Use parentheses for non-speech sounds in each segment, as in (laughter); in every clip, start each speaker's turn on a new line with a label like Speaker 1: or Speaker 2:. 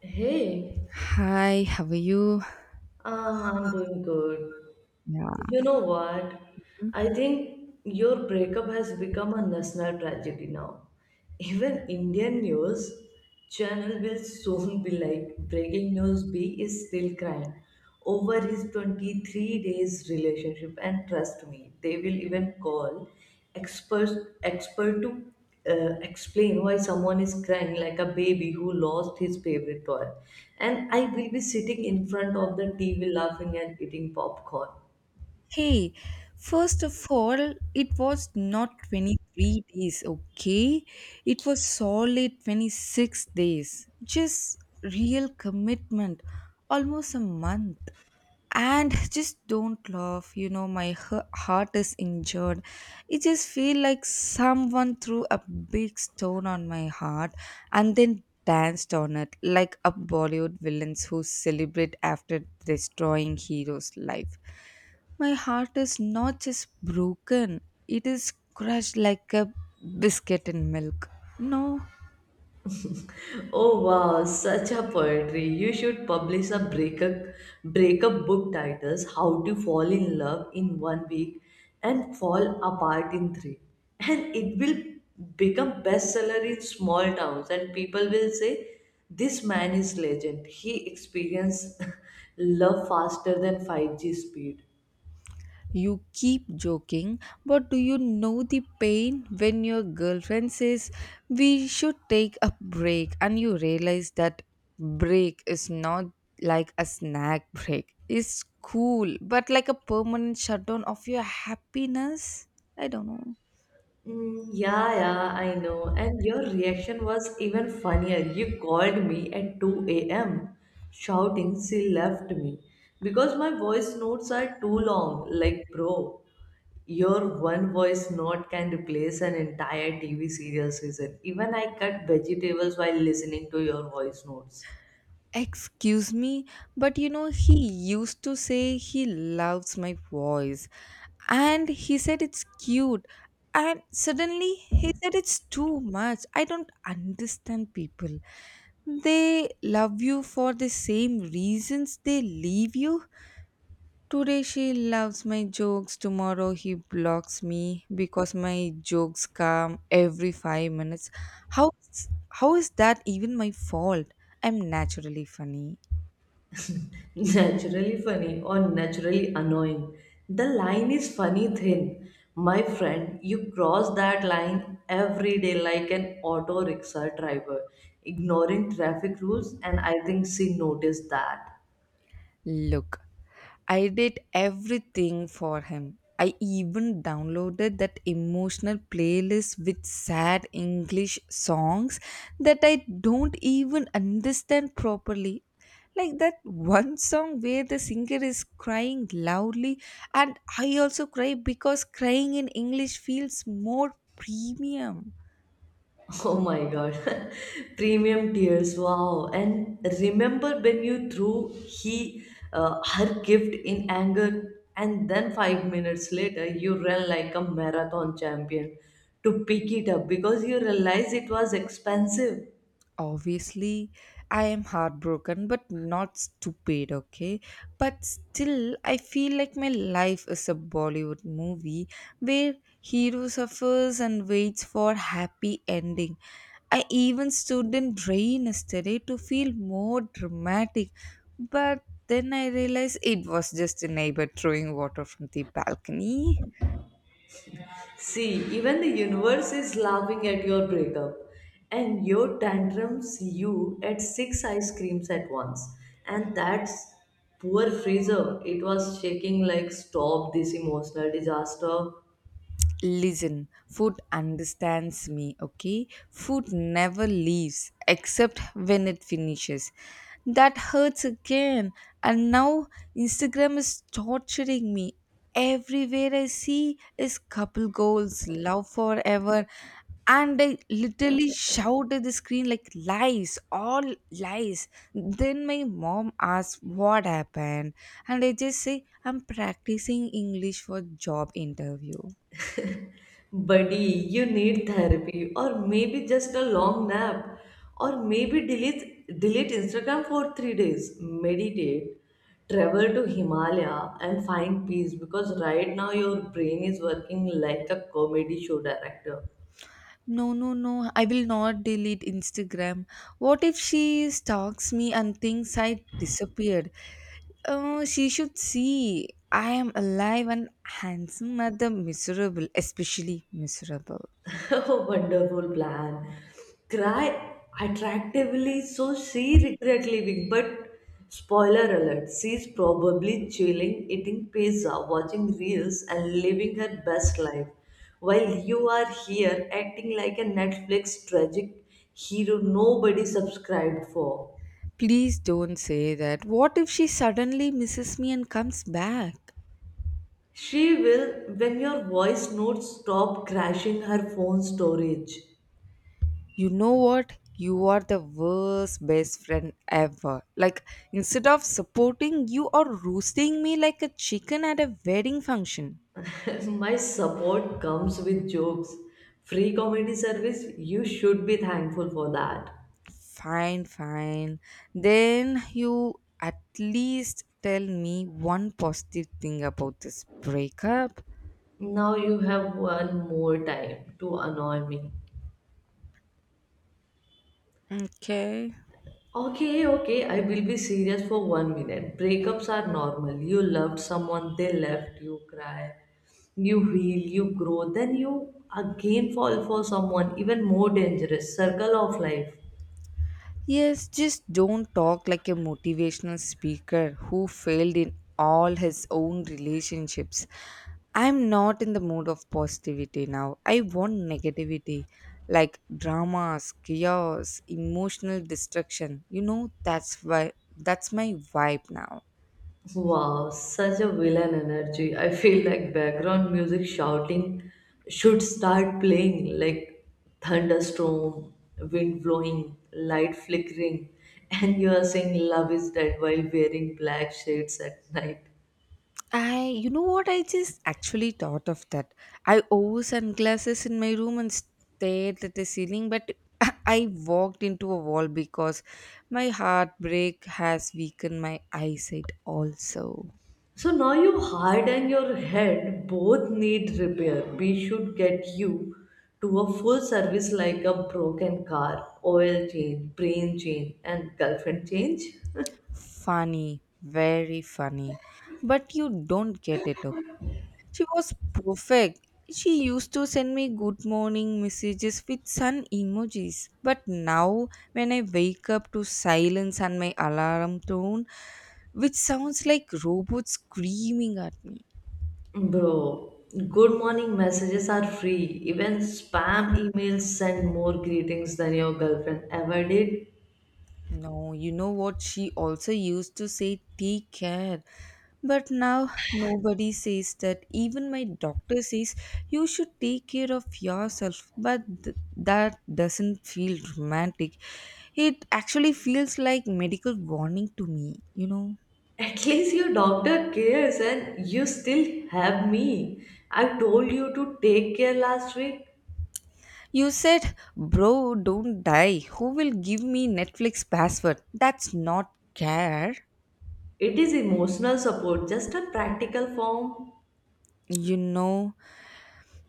Speaker 1: Hey,
Speaker 2: Hi, how are you?
Speaker 1: I'm doing good.
Speaker 2: Yeah.
Speaker 1: You know what? I think your breakup has become a national tragedy now. Even Indian news channel will soon be like, breaking news, B is still crying over his 23 days relationship, and trust me, they will even call experts expert to explain why someone is crying like a baby who lost his favorite toy, and I will be sitting in front of the TV laughing and eating popcorn.
Speaker 2: Hey, first of all, it was not 23 days, okay? It was solid 26 days. Just real commitment. Almost a month. And just don't laugh, my heart is injured. It just feel like someone threw a big stone on my heart, and then danced on it like a bollywood villains who celebrate after destroying hero's life. My heart is not just broken, it is crushed like a biscuit in milk. No.
Speaker 1: Oh wow, such a poetry. You should publish a breakup book titles How to Fall in Love in One Week and Fall Apart in Three. And it will become bestseller in small towns and people will say this man is legend. He experienced (laughs) love faster than 5G speed.
Speaker 2: You keep joking, but do you know the pain when your girlfriend says, We should take a break, and you realize that break is not like a snack break. It's cool, but like a permanent shutdown of your happiness? I don't know.
Speaker 1: Mm, yeah, yeah, I know. And your reaction was even funnier. You called me at 2 a.m. shouting, she left me. Because my voice notes are too long. Like, bro, your one voice note can replace an entire TV serial season. Even I cut vegetables while listening to your voice notes.
Speaker 2: Excuse me, but he used to say he loves my voice, and he said it's cute, and suddenly he said it's too much. I don't understand people. They love you for the same reasons they leave you. Today she loves my jokes, tomorrow he blocks me because my jokes come every 5 minutes. How is that even my fault? I'm naturally funny.
Speaker 1: (laughs) Naturally funny or naturally annoying. The line is funny thin. My friend, you cross that line every day like an auto rickshaw driver ignoring traffic rules, and I think she noticed that.
Speaker 2: Look, I did everything for him. I even downloaded that emotional playlist with sad English songs that I don't even understand properly. Like that one song where the singer is crying loudly, and I also cry because crying in English feels more premium.
Speaker 1: Oh my god. (laughs) Premium tears. Wow. And remember when you threw he her gift in anger and then 5 minutes later you ran like a marathon champion to pick it up because you realized it was expensive.
Speaker 2: Obviously, I am heartbroken, but not stupid, okay? But still, I feel like my life is a Bollywood movie where hero suffers and waits for happy ending. I even stood in rain yesterday to feel more dramatic, but then I realized it was just a neighbor throwing water from the balcony.
Speaker 1: See, even the universe is laughing at your breakup and your tantrums. You at six ice creams at once. And that's poor Fraser. It was shaking like, stop this emotional disaster.
Speaker 2: Listen, food understands me, okay? Food never leaves except when it finishes. That hurts again. And now Instagram is torturing me. Everywhere I see is couple goals, love forever, and I literally shout at the screen like lies, all lies. Then my mom asks what happened, and I just say I'm practicing English for job interview.
Speaker 1: Buddy, you need therapy, or maybe just a long nap, or maybe delete Instagram for 3 days. Meditate, travel to Himalaya and find peace, because right now your brain is working like a comedy show director.
Speaker 2: No, no, no. I will not delete Instagram. What if she stalks me and thinks I disappeared? Oh, she should see. I am alive and handsome at the miserable, especially miserable.
Speaker 1: (laughs) Oh, wonderful plan. Cry attractively so she regret leaving. But spoiler alert, she's probably chilling, eating pizza, watching reels, and living her best life. While you are here acting like a Netflix tragic hero nobody subscribed for.
Speaker 2: Please don't say that. What if she suddenly misses me and comes back?
Speaker 1: She will when your voice notes stop crashing her phone storage.
Speaker 2: You know what? You are the worst best friend ever. Like, instead of supporting, you are roasting me like a chicken at a wedding function.
Speaker 1: (laughs) My support comes with jokes. Free comedy service, you should be thankful for that.
Speaker 2: Fine, fine. Then you at least tell me one positive thing about this breakup.
Speaker 1: Now you have one more time to annoy me.
Speaker 2: Okay.
Speaker 1: Okay, okay, I will be serious for 1 minute. Breakups are normal. You loved someone, they left, you cry, you heal, you grow, then you again fall for someone even more dangerous. Circle of life.
Speaker 2: Yes, just don't talk like a motivational speaker who failed in all his own relationships. I'm not in the mood of positivity now. I want negativity, like dramas, chaos, emotional destruction. You know, that's why that's my vibe now.
Speaker 1: Wow, such a villain energy. I feel like background music shouting should start playing like thunderstorm, wind blowing, light flickering, (laughs) and you are saying love is dead while wearing black shades at night.
Speaker 2: You know what, I just actually thought of that. I wore sunglasses in my room and stared at the ceiling, but (laughs) I walked into a wall because my heartbreak has weakened my eyesight also.
Speaker 1: So now your heart and your head both need repair. We should get you to a full service like a broken car: oil change, brain change, and girlfriend change.
Speaker 2: Funny, very funny. But you don't get it. Okay? She was perfect. She used to send me good morning messages with sun emojis. But now, when I wake up to silence and my alarm tone, which sounds like robots screaming at me.
Speaker 1: Bro, good morning messages are free. Even spam emails send more greetings than your girlfriend ever did.
Speaker 2: No, you know what? She also used to say, Take care. But now nobody says that. Even my doctor says, You should take care of yourself. But that doesn't feel romantic. It actually feels like medical warning to me, you know.
Speaker 1: At least your doctor cares, and you still have me. I told you to take care last week.
Speaker 2: You said, Bro, don't die. Who will give me Netflix password? That's not care.
Speaker 1: It is emotional support, just a practical form.
Speaker 2: You know,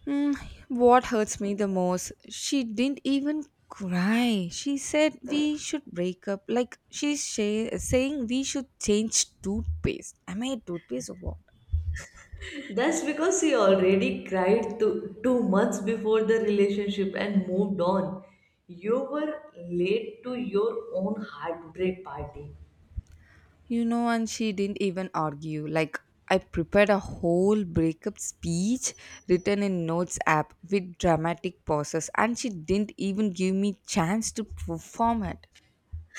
Speaker 2: Mm, what hurts me the most, she didn't even cry. She said we should break up. Like she's saying we should change toothpaste. Am I a toothpaste or what?
Speaker 1: That's because she already cried two months before the relationship and moved on. You were late to your own heartbreak party.
Speaker 2: You know, and she didn't even argue. Like I prepared a whole breakup speech written in notes app with dramatic pauses and she didn't even give me chance to perform it.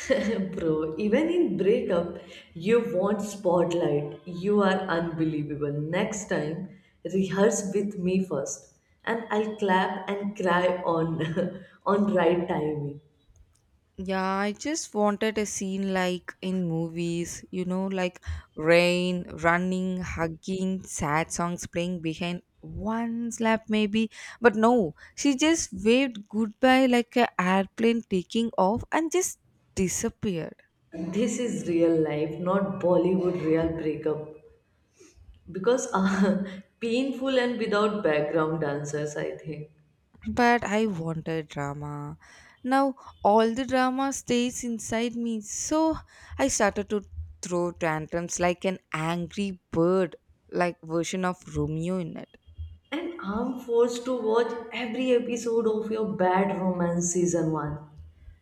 Speaker 1: (laughs) Bro, even in breakup, you want spotlight. You are unbelievable. Next time, rehearse with me first, and I'll clap and cry on (laughs) on right timing.
Speaker 2: Yeah, I just wanted a scene like in movies, like rain, running, hugging, sad songs playing behind one slap maybe. But no, she just waved goodbye like a airplane taking off and just disappeared.
Speaker 1: This is real life, not Bollywood real breakup. Because (laughs) painful and without background dancers, I think.
Speaker 2: But I wanted drama. Now all the drama stays inside me, so I started to throw tantrums like an angry bird, like version of Romeo in it.
Speaker 1: And I'm forced to watch every episode of your Bad Romance season one.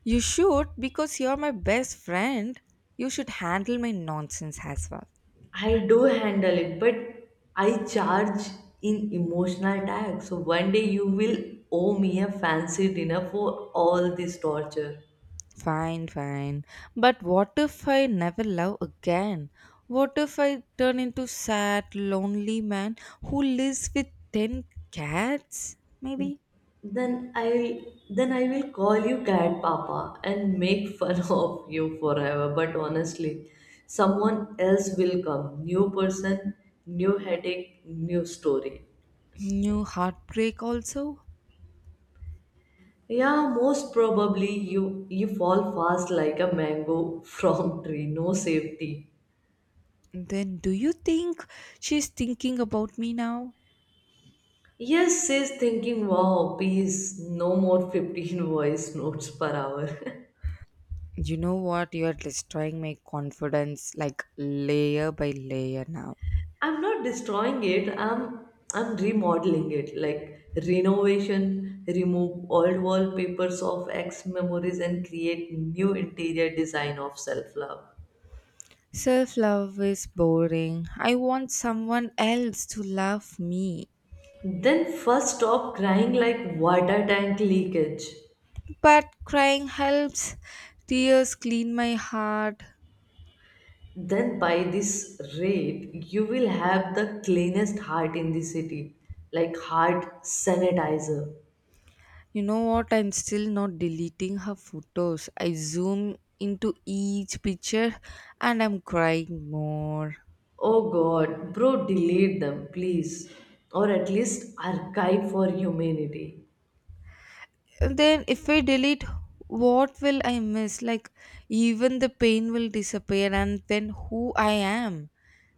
Speaker 2: You should, because you're my best friend. You should handle my nonsense as well.
Speaker 1: I do handle it, but I charge in emotional tax. So one day you will owe me a fancy dinner for all this torture.
Speaker 2: Fine, fine. But what if I never love again? What if I turn into sad, lonely man who lives with 10 cats? Maybe.
Speaker 1: Then I will call you cat papa and make fun (laughs) of you forever. But honestly, someone else will come. New person, new headache, new story.
Speaker 2: New heartbreak also?
Speaker 1: Yeah, most probably you fall fast like a mango (laughs) from tree. No safety.
Speaker 2: Then do you think she's thinking about me now?
Speaker 1: Yes, says thinking, wow, peace, no more 15 (laughs) voice notes per hour. (laughs)
Speaker 2: You know what? You're destroying my confidence like layer by layer now.
Speaker 1: I'm not destroying it, I'm remodeling it like renovation. Remove old wallpapers of ex memories and create new interior design of self-love.
Speaker 2: Self love is boring. I want someone else to love me.
Speaker 1: Then first stop crying like water tank leakage.
Speaker 2: But crying helps. Tears clean my heart.
Speaker 1: Then by this rate, you will have the cleanest heart in the city, like heart sanitizer.
Speaker 2: You know what? I'm still not deleting her photos. I zoom into each picture and I'm crying more.
Speaker 1: Oh God, bro, delete them, please. Or at least archive for humanity.
Speaker 2: And then, if I delete, what will I miss? Like, even the pain will disappear, and then who I am.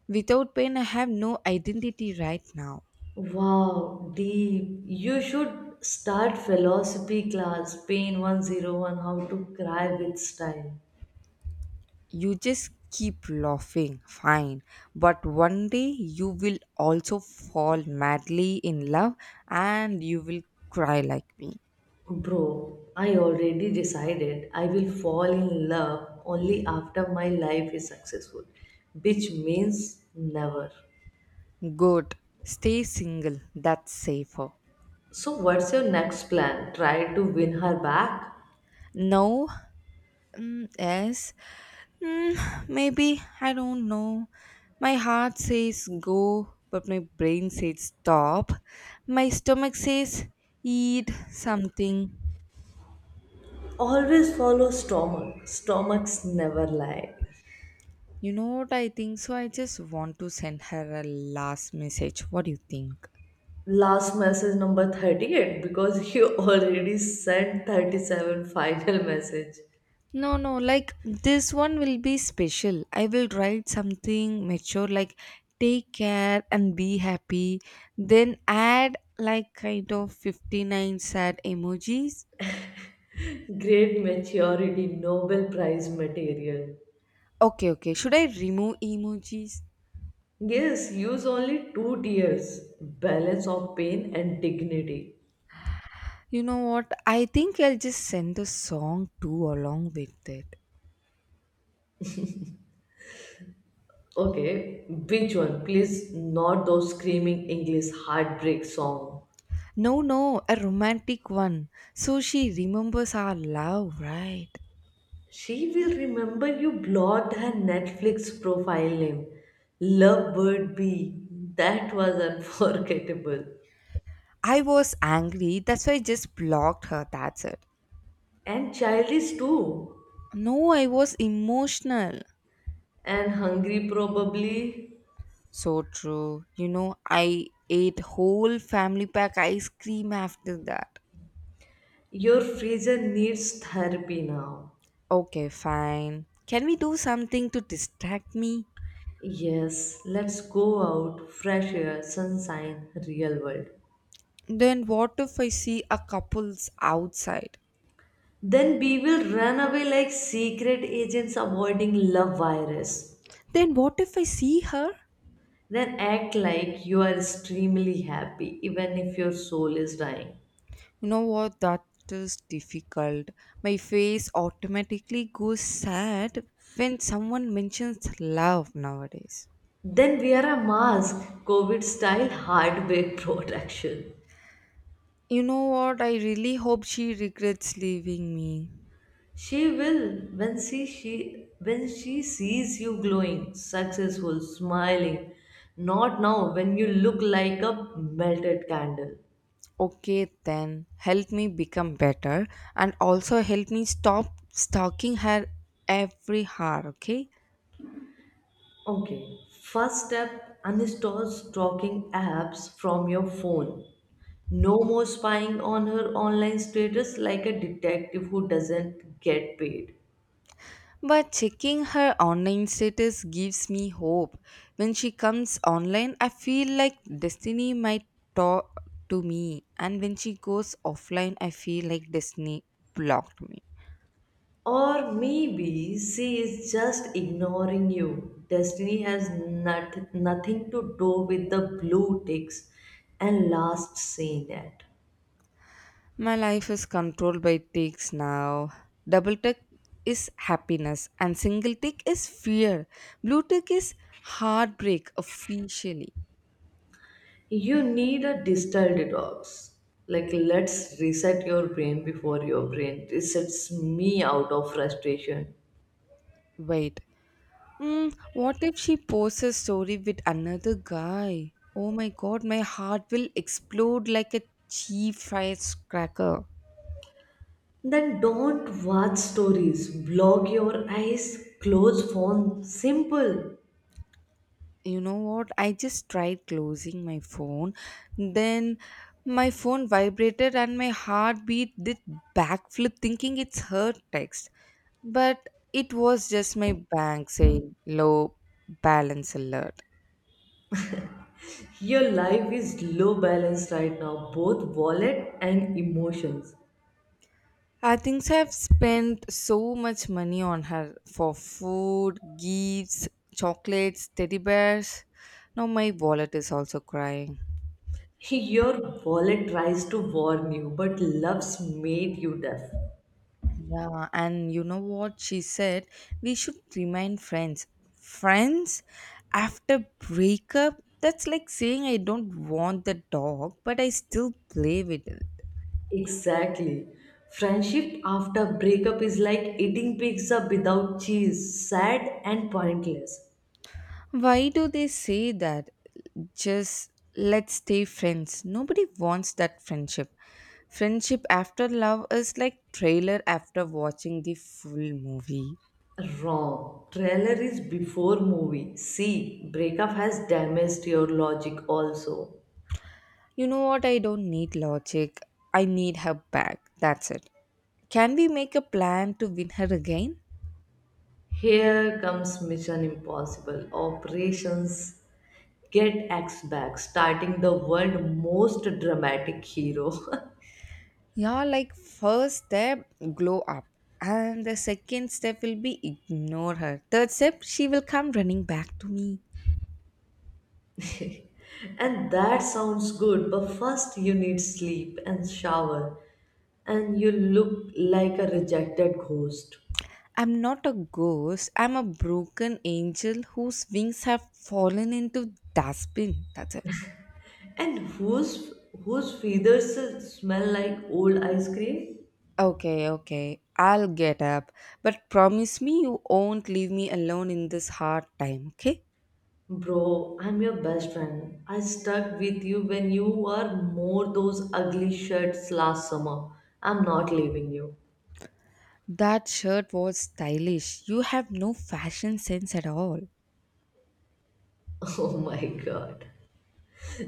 Speaker 2: Without pain, I have no identity right now.
Speaker 1: Wow, deep. You should start philosophy class, Pain 101, how to cry with style.
Speaker 2: You just keep laughing, fine. But one day you will also fall madly in love and you will cry like me.
Speaker 1: Bro, I already decided I will fall in love only after my life is successful, which means never.
Speaker 2: Good. Stay single. That's safer.
Speaker 1: So, what's your next plan? Try to win her back?
Speaker 2: No. Mm, yes. Mm, maybe. I don't know. My heart says go, but my brain says stop. My stomach says eat something.
Speaker 1: Always follow stomach. Stomachs never lie.
Speaker 2: You know what I think? So I just want to send her a last message. What do you think?
Speaker 1: Last message number 38, because you (laughs) already sent 37 final message.
Speaker 2: No, no, like this one will be special. I will write something mature like take care and be happy. Then add like kind of 59 sad emojis.
Speaker 1: Great maturity, Nobel Prize material.
Speaker 2: Okay, okay. Should I remove emojis?
Speaker 1: Yes, use only two tiers, balance of pain and dignity.
Speaker 2: You know what? I think I'll just send the song too along with it.
Speaker 1: Okay, which one? Please, not those screaming English heartbreak song.
Speaker 2: No, no, a romantic one. So she remembers our love, right?
Speaker 1: She will remember you blocked her Netflix profile name, Lovebird B. That was (laughs) unforgettable.
Speaker 2: I was angry, that's why I just blocked her, that's it.
Speaker 1: And childish too.
Speaker 2: No, I was emotional.
Speaker 1: And hungry probably.
Speaker 2: So true. You know, I ate whole family pack ice cream after that.
Speaker 1: Your freezer needs therapy now.
Speaker 2: Okay, fine. Can we do something to distract me?
Speaker 1: Yes, let's go out, fresh air, sunshine, real world.
Speaker 2: Then what if I see a couple's outside?
Speaker 1: Then we will run away like secret agents avoiding love virus.
Speaker 2: Then what if I see her?
Speaker 1: Then act like you are extremely happy, even if your soul is dying.
Speaker 2: You know what? That is difficult. My face automatically goes sad when someone mentions love nowadays.
Speaker 1: Then wear a mask, COVID style hardware (laughs) protection.
Speaker 2: You know what? I really hope she regrets leaving me.
Speaker 1: She will when she sees you glowing, successful, smiling. Not now when you look like a melted candle.
Speaker 2: Okay, then help me become better and also help me stop stalking her every hour, okay?
Speaker 1: Okay. First step, uninstall stalking apps from your phone. No more spying on her online status like a detective who doesn't get paid.
Speaker 2: But checking her online status gives me hope. When she comes online, I feel like destiny might talk to me, and when she goes offline, I feel like destiny blocked me.
Speaker 1: Or maybe she is just ignoring you. Destiny has not, nothing to do with the blue ticks and last seen at.
Speaker 2: My life is controlled by ticks now. Double tick is happiness, and single tick is fear. Blue tick is heartbreak officially.
Speaker 1: You need a digital detox. Like, let's reset your brain before your brain resets me out of frustration.
Speaker 2: Wait. What if she posts a story with another guy? Oh my god, my heart will explode like a cheap firecracker. Cracker.
Speaker 1: Then don't watch stories, block your eyes, close phone. Simple.
Speaker 2: You know what? I just tried closing my phone. Then my phone vibrated and my heartbeat did backflip thinking it's her text. But it was just my bank saying low balance alert.
Speaker 1: Your life is low balance right now, both wallet and emotions.
Speaker 2: I think so, I've spent so much money on her for food, gifts, chocolates, teddy bears. Now my wallet is also crying.
Speaker 1: Hey, your wallet tries to warn you, but love's made you deaf.
Speaker 2: Yeah, and you know what she said? We should remain friends. Friends after breakup? That's like saying I don't want the dog, but I still play with it.
Speaker 1: Exactly. Friendship after breakup is like eating pizza without cheese, sad and pointless.
Speaker 2: Why do they say that? Just let's stay friends. Nobody wants that friendship. Friendship after love is like trailer after watching the full movie.
Speaker 1: Wrong. Trailer is before movie. See, breakup has damaged your logic also.
Speaker 2: You know what? I don't need logic. I need her back. That's it. Can we make a plan to win her again?
Speaker 1: Here comes Mission Impossible. Operations Get X Back, starting the world most dramatic hero. (laughs)
Speaker 2: Yeah, like first step, glow up. And the second step will be ignore her. Third step, she will come running back to me.
Speaker 1: And that sounds good, but first you need sleep and shower, and you look like a rejected ghost.
Speaker 2: I'm not a ghost. I'm a broken angel whose wings have fallen into dustbin. That's it.
Speaker 1: And whose feathers smell like old ice cream?
Speaker 2: Okay, okay. I'll get up. But promise me you won't leave me alone in this hard time, okay?
Speaker 1: Bro, I'm your best friend. I stuck with you when you were more those ugly shirts last summer. I'm not leaving you.
Speaker 2: That shirt was stylish. You have no fashion sense at all.
Speaker 1: (laughs) Oh my god.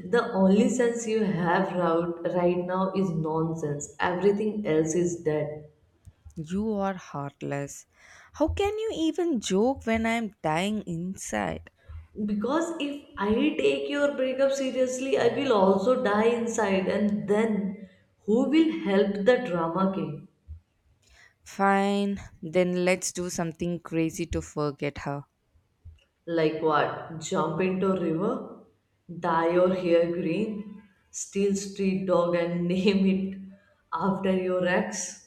Speaker 1: The only sense you have right now is nonsense. Everything else is dead.
Speaker 2: You are heartless. How can you even joke when I'm dying inside?
Speaker 1: Because if I take your breakup seriously, I will also die inside, and then who will help the drama king?
Speaker 2: Fine, then let's do something crazy to forget her.
Speaker 1: Like what? Jump into a river, dye your hair green, steal street dog and (laughs) name it after your ex?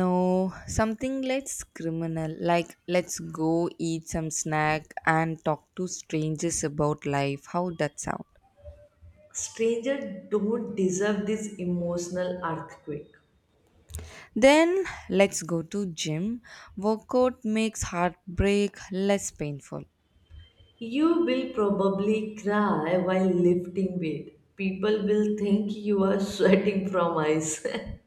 Speaker 2: No, something less criminal, like let's go eat some snack and talk to strangers about life. How that sound?
Speaker 1: Stranger don't deserve this emotional earthquake.
Speaker 2: Then let's go to gym. Workout makes heartbreak less painful.
Speaker 1: You will probably cry while lifting weight. People will think you are (laughs) sweating from ice. (laughs)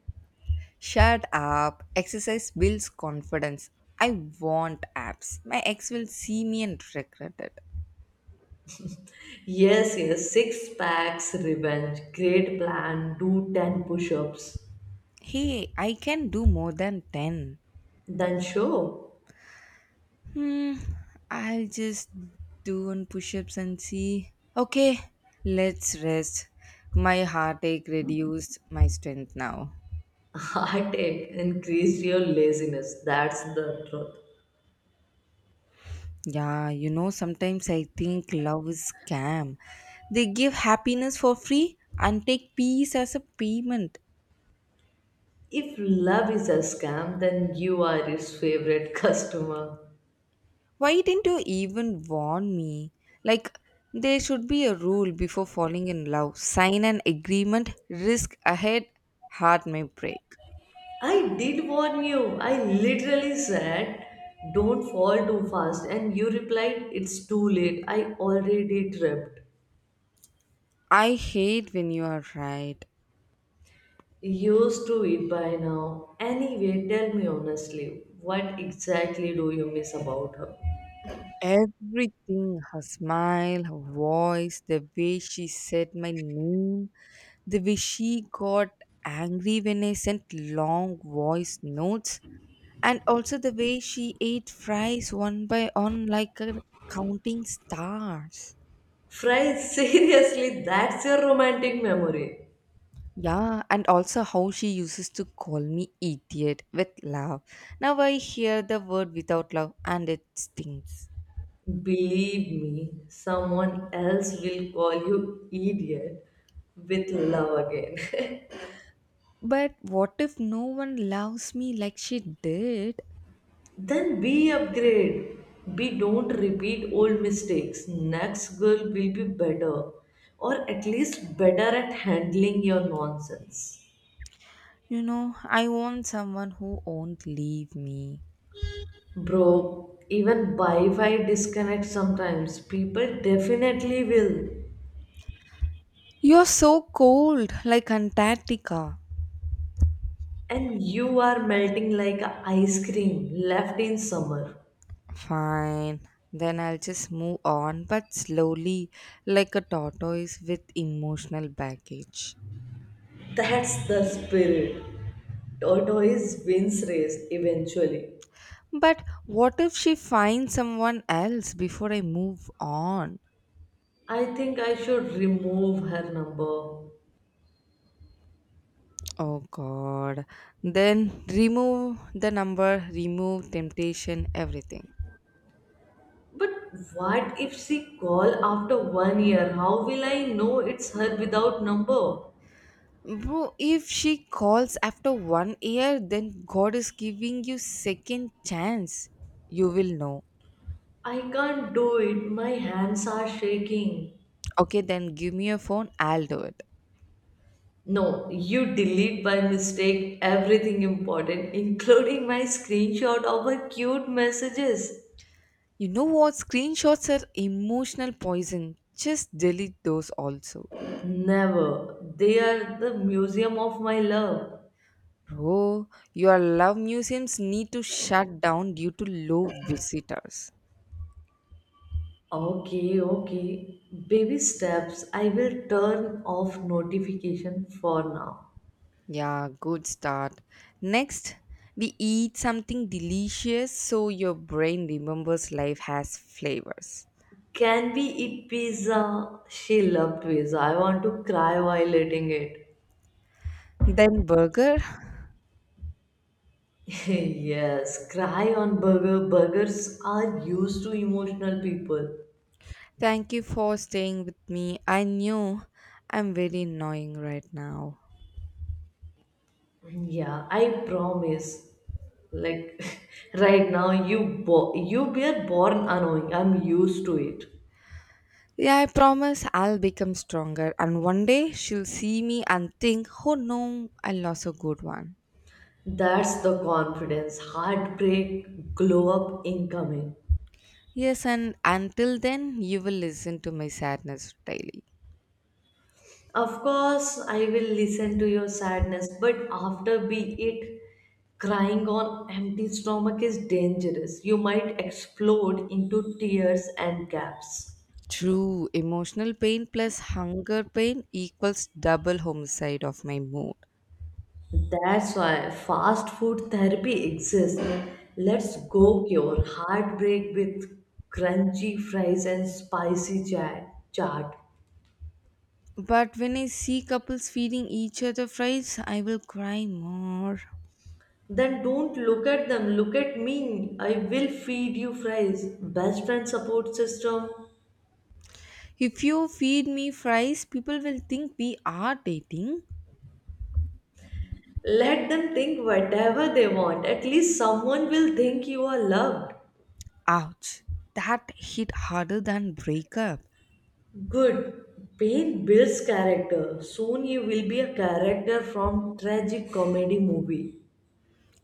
Speaker 2: Shut up. Exercise builds confidence. I want abs. My ex will see me and regret it.
Speaker 1: Yes, yes, six packs revenge. Great plan. Do 10 push ups.
Speaker 2: Hey, I can do more than 10.
Speaker 1: Then show.
Speaker 2: Hmm, I'll just do one push ups and see. Okay, let's rest. My heartache reduced my strength now.
Speaker 1: (laughs) Heartache. Increase your laziness. That's the truth.
Speaker 2: Yeah, sometimes I think love is scam. They give happiness for free and take peace as a payment.
Speaker 1: If love is a scam, then you are his favorite (laughs) customer.
Speaker 2: Why didn't you even warn me? Like, there should be a rule before falling in love. Sign an agreement, risk ahead, heart may break.
Speaker 1: I did warn you. I literally said, don't fall too fast. And you replied, it's too late, I already tripped.
Speaker 2: I hate when you are right.
Speaker 1: Used to it by now. Anyway, tell me honestly, what exactly do you miss about her?
Speaker 2: Everything, her smile, her voice, the way she said my name, the way she got angry when I sent long voice notes, and also the way she ate fries one by one like a counting stars.
Speaker 1: Fry, (laughs) seriously, that's your romantic memory.
Speaker 2: Yeah, and also how she uses to call me idiot with love. Now I hear the word without love and it stings.
Speaker 1: Believe me, someone else will call you idiot with love again.
Speaker 2: But what if no one loves me like she did?
Speaker 1: (laughs) Then be upgrade. Be, don't repeat old mistakes. Next girl will be better, or at least better at handling your nonsense.
Speaker 2: You know, I want someone who won't leave me.
Speaker 1: Bro, even Wi-Fi disconnects sometimes. People definitely will.
Speaker 2: You're so cold, like Antarctica.
Speaker 1: And you are melting like a ice cream left in summer.
Speaker 2: Fine. Then I'll just move on, but slowly, like a tortoise with emotional baggage.
Speaker 1: That's the spirit. Tortoise wins race eventually.
Speaker 2: But what if she finds someone else before I move on?
Speaker 1: I think I should remove her number.
Speaker 2: Oh god. Then remove the number, remove temptation, everything.
Speaker 1: But what if she call after 1 year? How will I know it's her without number?
Speaker 2: Bro, if she calls after one year, then God is giving you second chance. You will know.
Speaker 1: I can't do it. My hands are shaking.
Speaker 2: Okay, then give me your phone, I'll do it.
Speaker 1: No, you delete by mistake everything important, including my screenshot of her cute messages.
Speaker 2: You know what? Screenshots are emotional poison. Just delete those also.
Speaker 1: Never. They are the museum of my love.
Speaker 2: Bro, your love museums need to shut down due to low visitors.
Speaker 1: Okay, okay. Baby steps. I will turn off notification for now.
Speaker 2: Yeah, good start. Next, we eat something delicious so your brain remembers life has flavors.
Speaker 1: Can we eat pizza? She loved pizza. I want to cry while eating it.
Speaker 2: Then burger.
Speaker 1: (laughs) Yes, cry on burger. Burgers are used to emotional people.
Speaker 2: Thank you for staying with me. I knew I'm very annoying right now.
Speaker 1: Yeah, I promise. Like (laughs) right now, you were born annoying. I'm used to it.
Speaker 2: Yeah, I promise I'll become stronger, and one day she'll see me and think, oh no, I lost a good one.
Speaker 1: That's the confidence. Heartbreak glow up incoming.
Speaker 2: Yes, and until then, you will listen to my sadness daily.
Speaker 1: Of course, I will listen to your sadness, but after be it, crying on empty stomach is dangerous. You might explode into tears and gaps.
Speaker 2: True, emotional pain plus hunger pain equals double homicide of my mood.
Speaker 1: That's why fast food therapy exists. Let's go cure heartbreak with crunchy fries and spicy chaat.
Speaker 2: But when I see couples feeding each other fries, I will cry more.
Speaker 1: Then don't look at them, look at me. I will feed you fries. Best friend support system.
Speaker 2: If you feed me fries, people will think we are dating.
Speaker 1: Let them think whatever they want. At least someone will think you are loved.
Speaker 2: Ouch. That hit harder than breakup.
Speaker 1: Good. Pain builds character. Soon you will be a character from tragic comedy movie.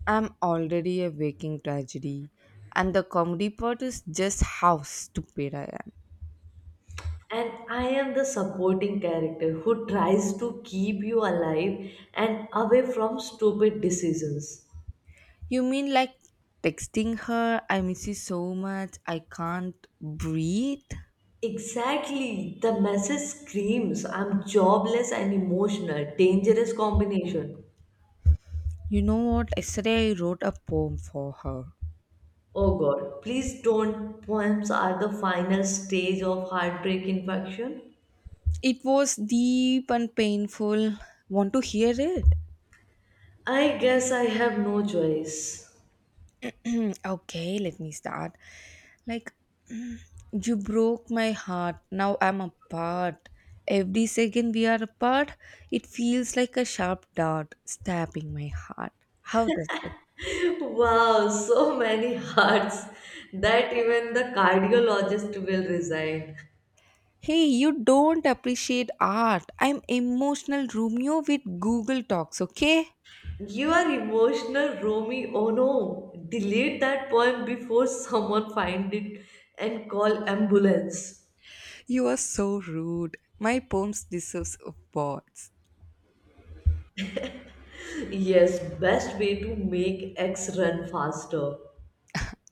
Speaker 2: I'm already a waking tragedy. And the comedy part is just how stupid I am.
Speaker 1: And I am the supporting character who tries to keep you alive and away from stupid decisions.
Speaker 2: You mean like texting her, I miss you so much, I can't breathe?
Speaker 1: Exactly. The message screams I'm jobless and emotional. Dangerous combination.
Speaker 2: You know what? Yesterday I wrote a poem for her.
Speaker 1: Oh God, please don't. Poems are the final stage of heartbreak infection.
Speaker 2: It was deep and painful. Want to hear it?
Speaker 1: I guess I have no choice. (laughs)
Speaker 2: (clears throat) Okay, let me start. Like, (clears throat) mm, you broke my heart. Now I'm apart. Every second we are apart, it feels like a sharp dart stabbing my heart. How does it?
Speaker 1: Wow, so many hearts that even the cardiologist will resign.
Speaker 2: Hey, you don't appreciate art. I'm emotional Romeo with Google Talks, okay?
Speaker 1: You are emotional, Romy. Oh no. Delete that poem before someone find it and call ambulance.
Speaker 2: You are so rude. My poems deserves awards.
Speaker 1: Yes, best way to make X run faster.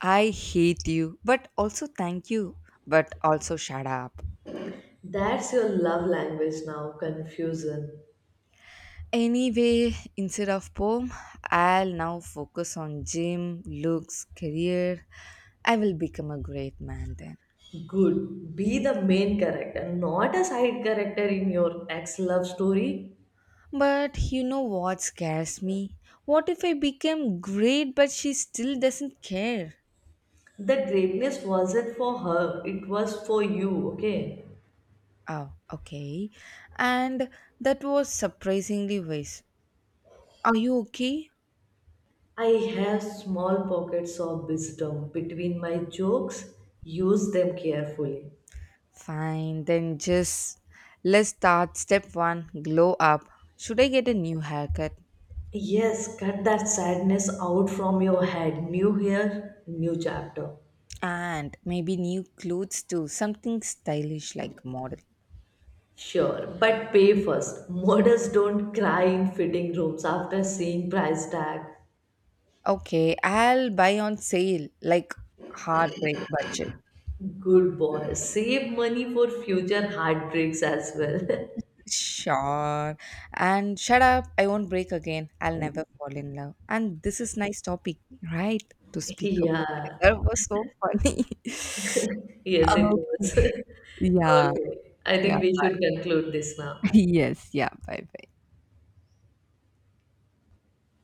Speaker 2: I hate you, but also thank you, but also shut up.
Speaker 1: That's your love language now, confusion.
Speaker 2: Anyway, instead of poem, I'll now focus on gym, looks, career. I will become a great man then.
Speaker 1: Good. Be the main character, not a side character in your ex love story.
Speaker 2: But you know what scares me? What if I become great but she still doesn't care?
Speaker 1: The greatness wasn't for her, it was for you, okay?
Speaker 2: Oh, okay. And that was surprisingly wise. Are you okay?
Speaker 1: I have small pockets of wisdom between my jokes. Use them carefully.
Speaker 2: Fine, then just let's start step one glow up. Should I get a new haircut?
Speaker 1: Yes, cut that sadness out from your head. New year, new chapter.
Speaker 2: And maybe new clothes too, something stylish like model.
Speaker 1: Sure, but pay first. Models don't cry in fitting rooms after seeing price tag.
Speaker 2: Okay, I'll buy on sale like heartbreak budget.
Speaker 1: Good boy. Save money for future heartbreaks as well.
Speaker 2: Sure. And shut up, I won't break again. I'll never fall in love. And this is nice topic right to
Speaker 1: (laughs)
Speaker 2: speak about it.
Speaker 1: Yeah.
Speaker 2: That was so funny. (laughs)
Speaker 1: Yes, it
Speaker 2: Okay.
Speaker 1: was. (laughs)
Speaker 2: Yeah.
Speaker 1: Okay. I
Speaker 2: Yeah.
Speaker 1: think we should conclude this
Speaker 2: Bye.
Speaker 1: now.
Speaker 2: (laughs) Yes. Yeah. Bye bye.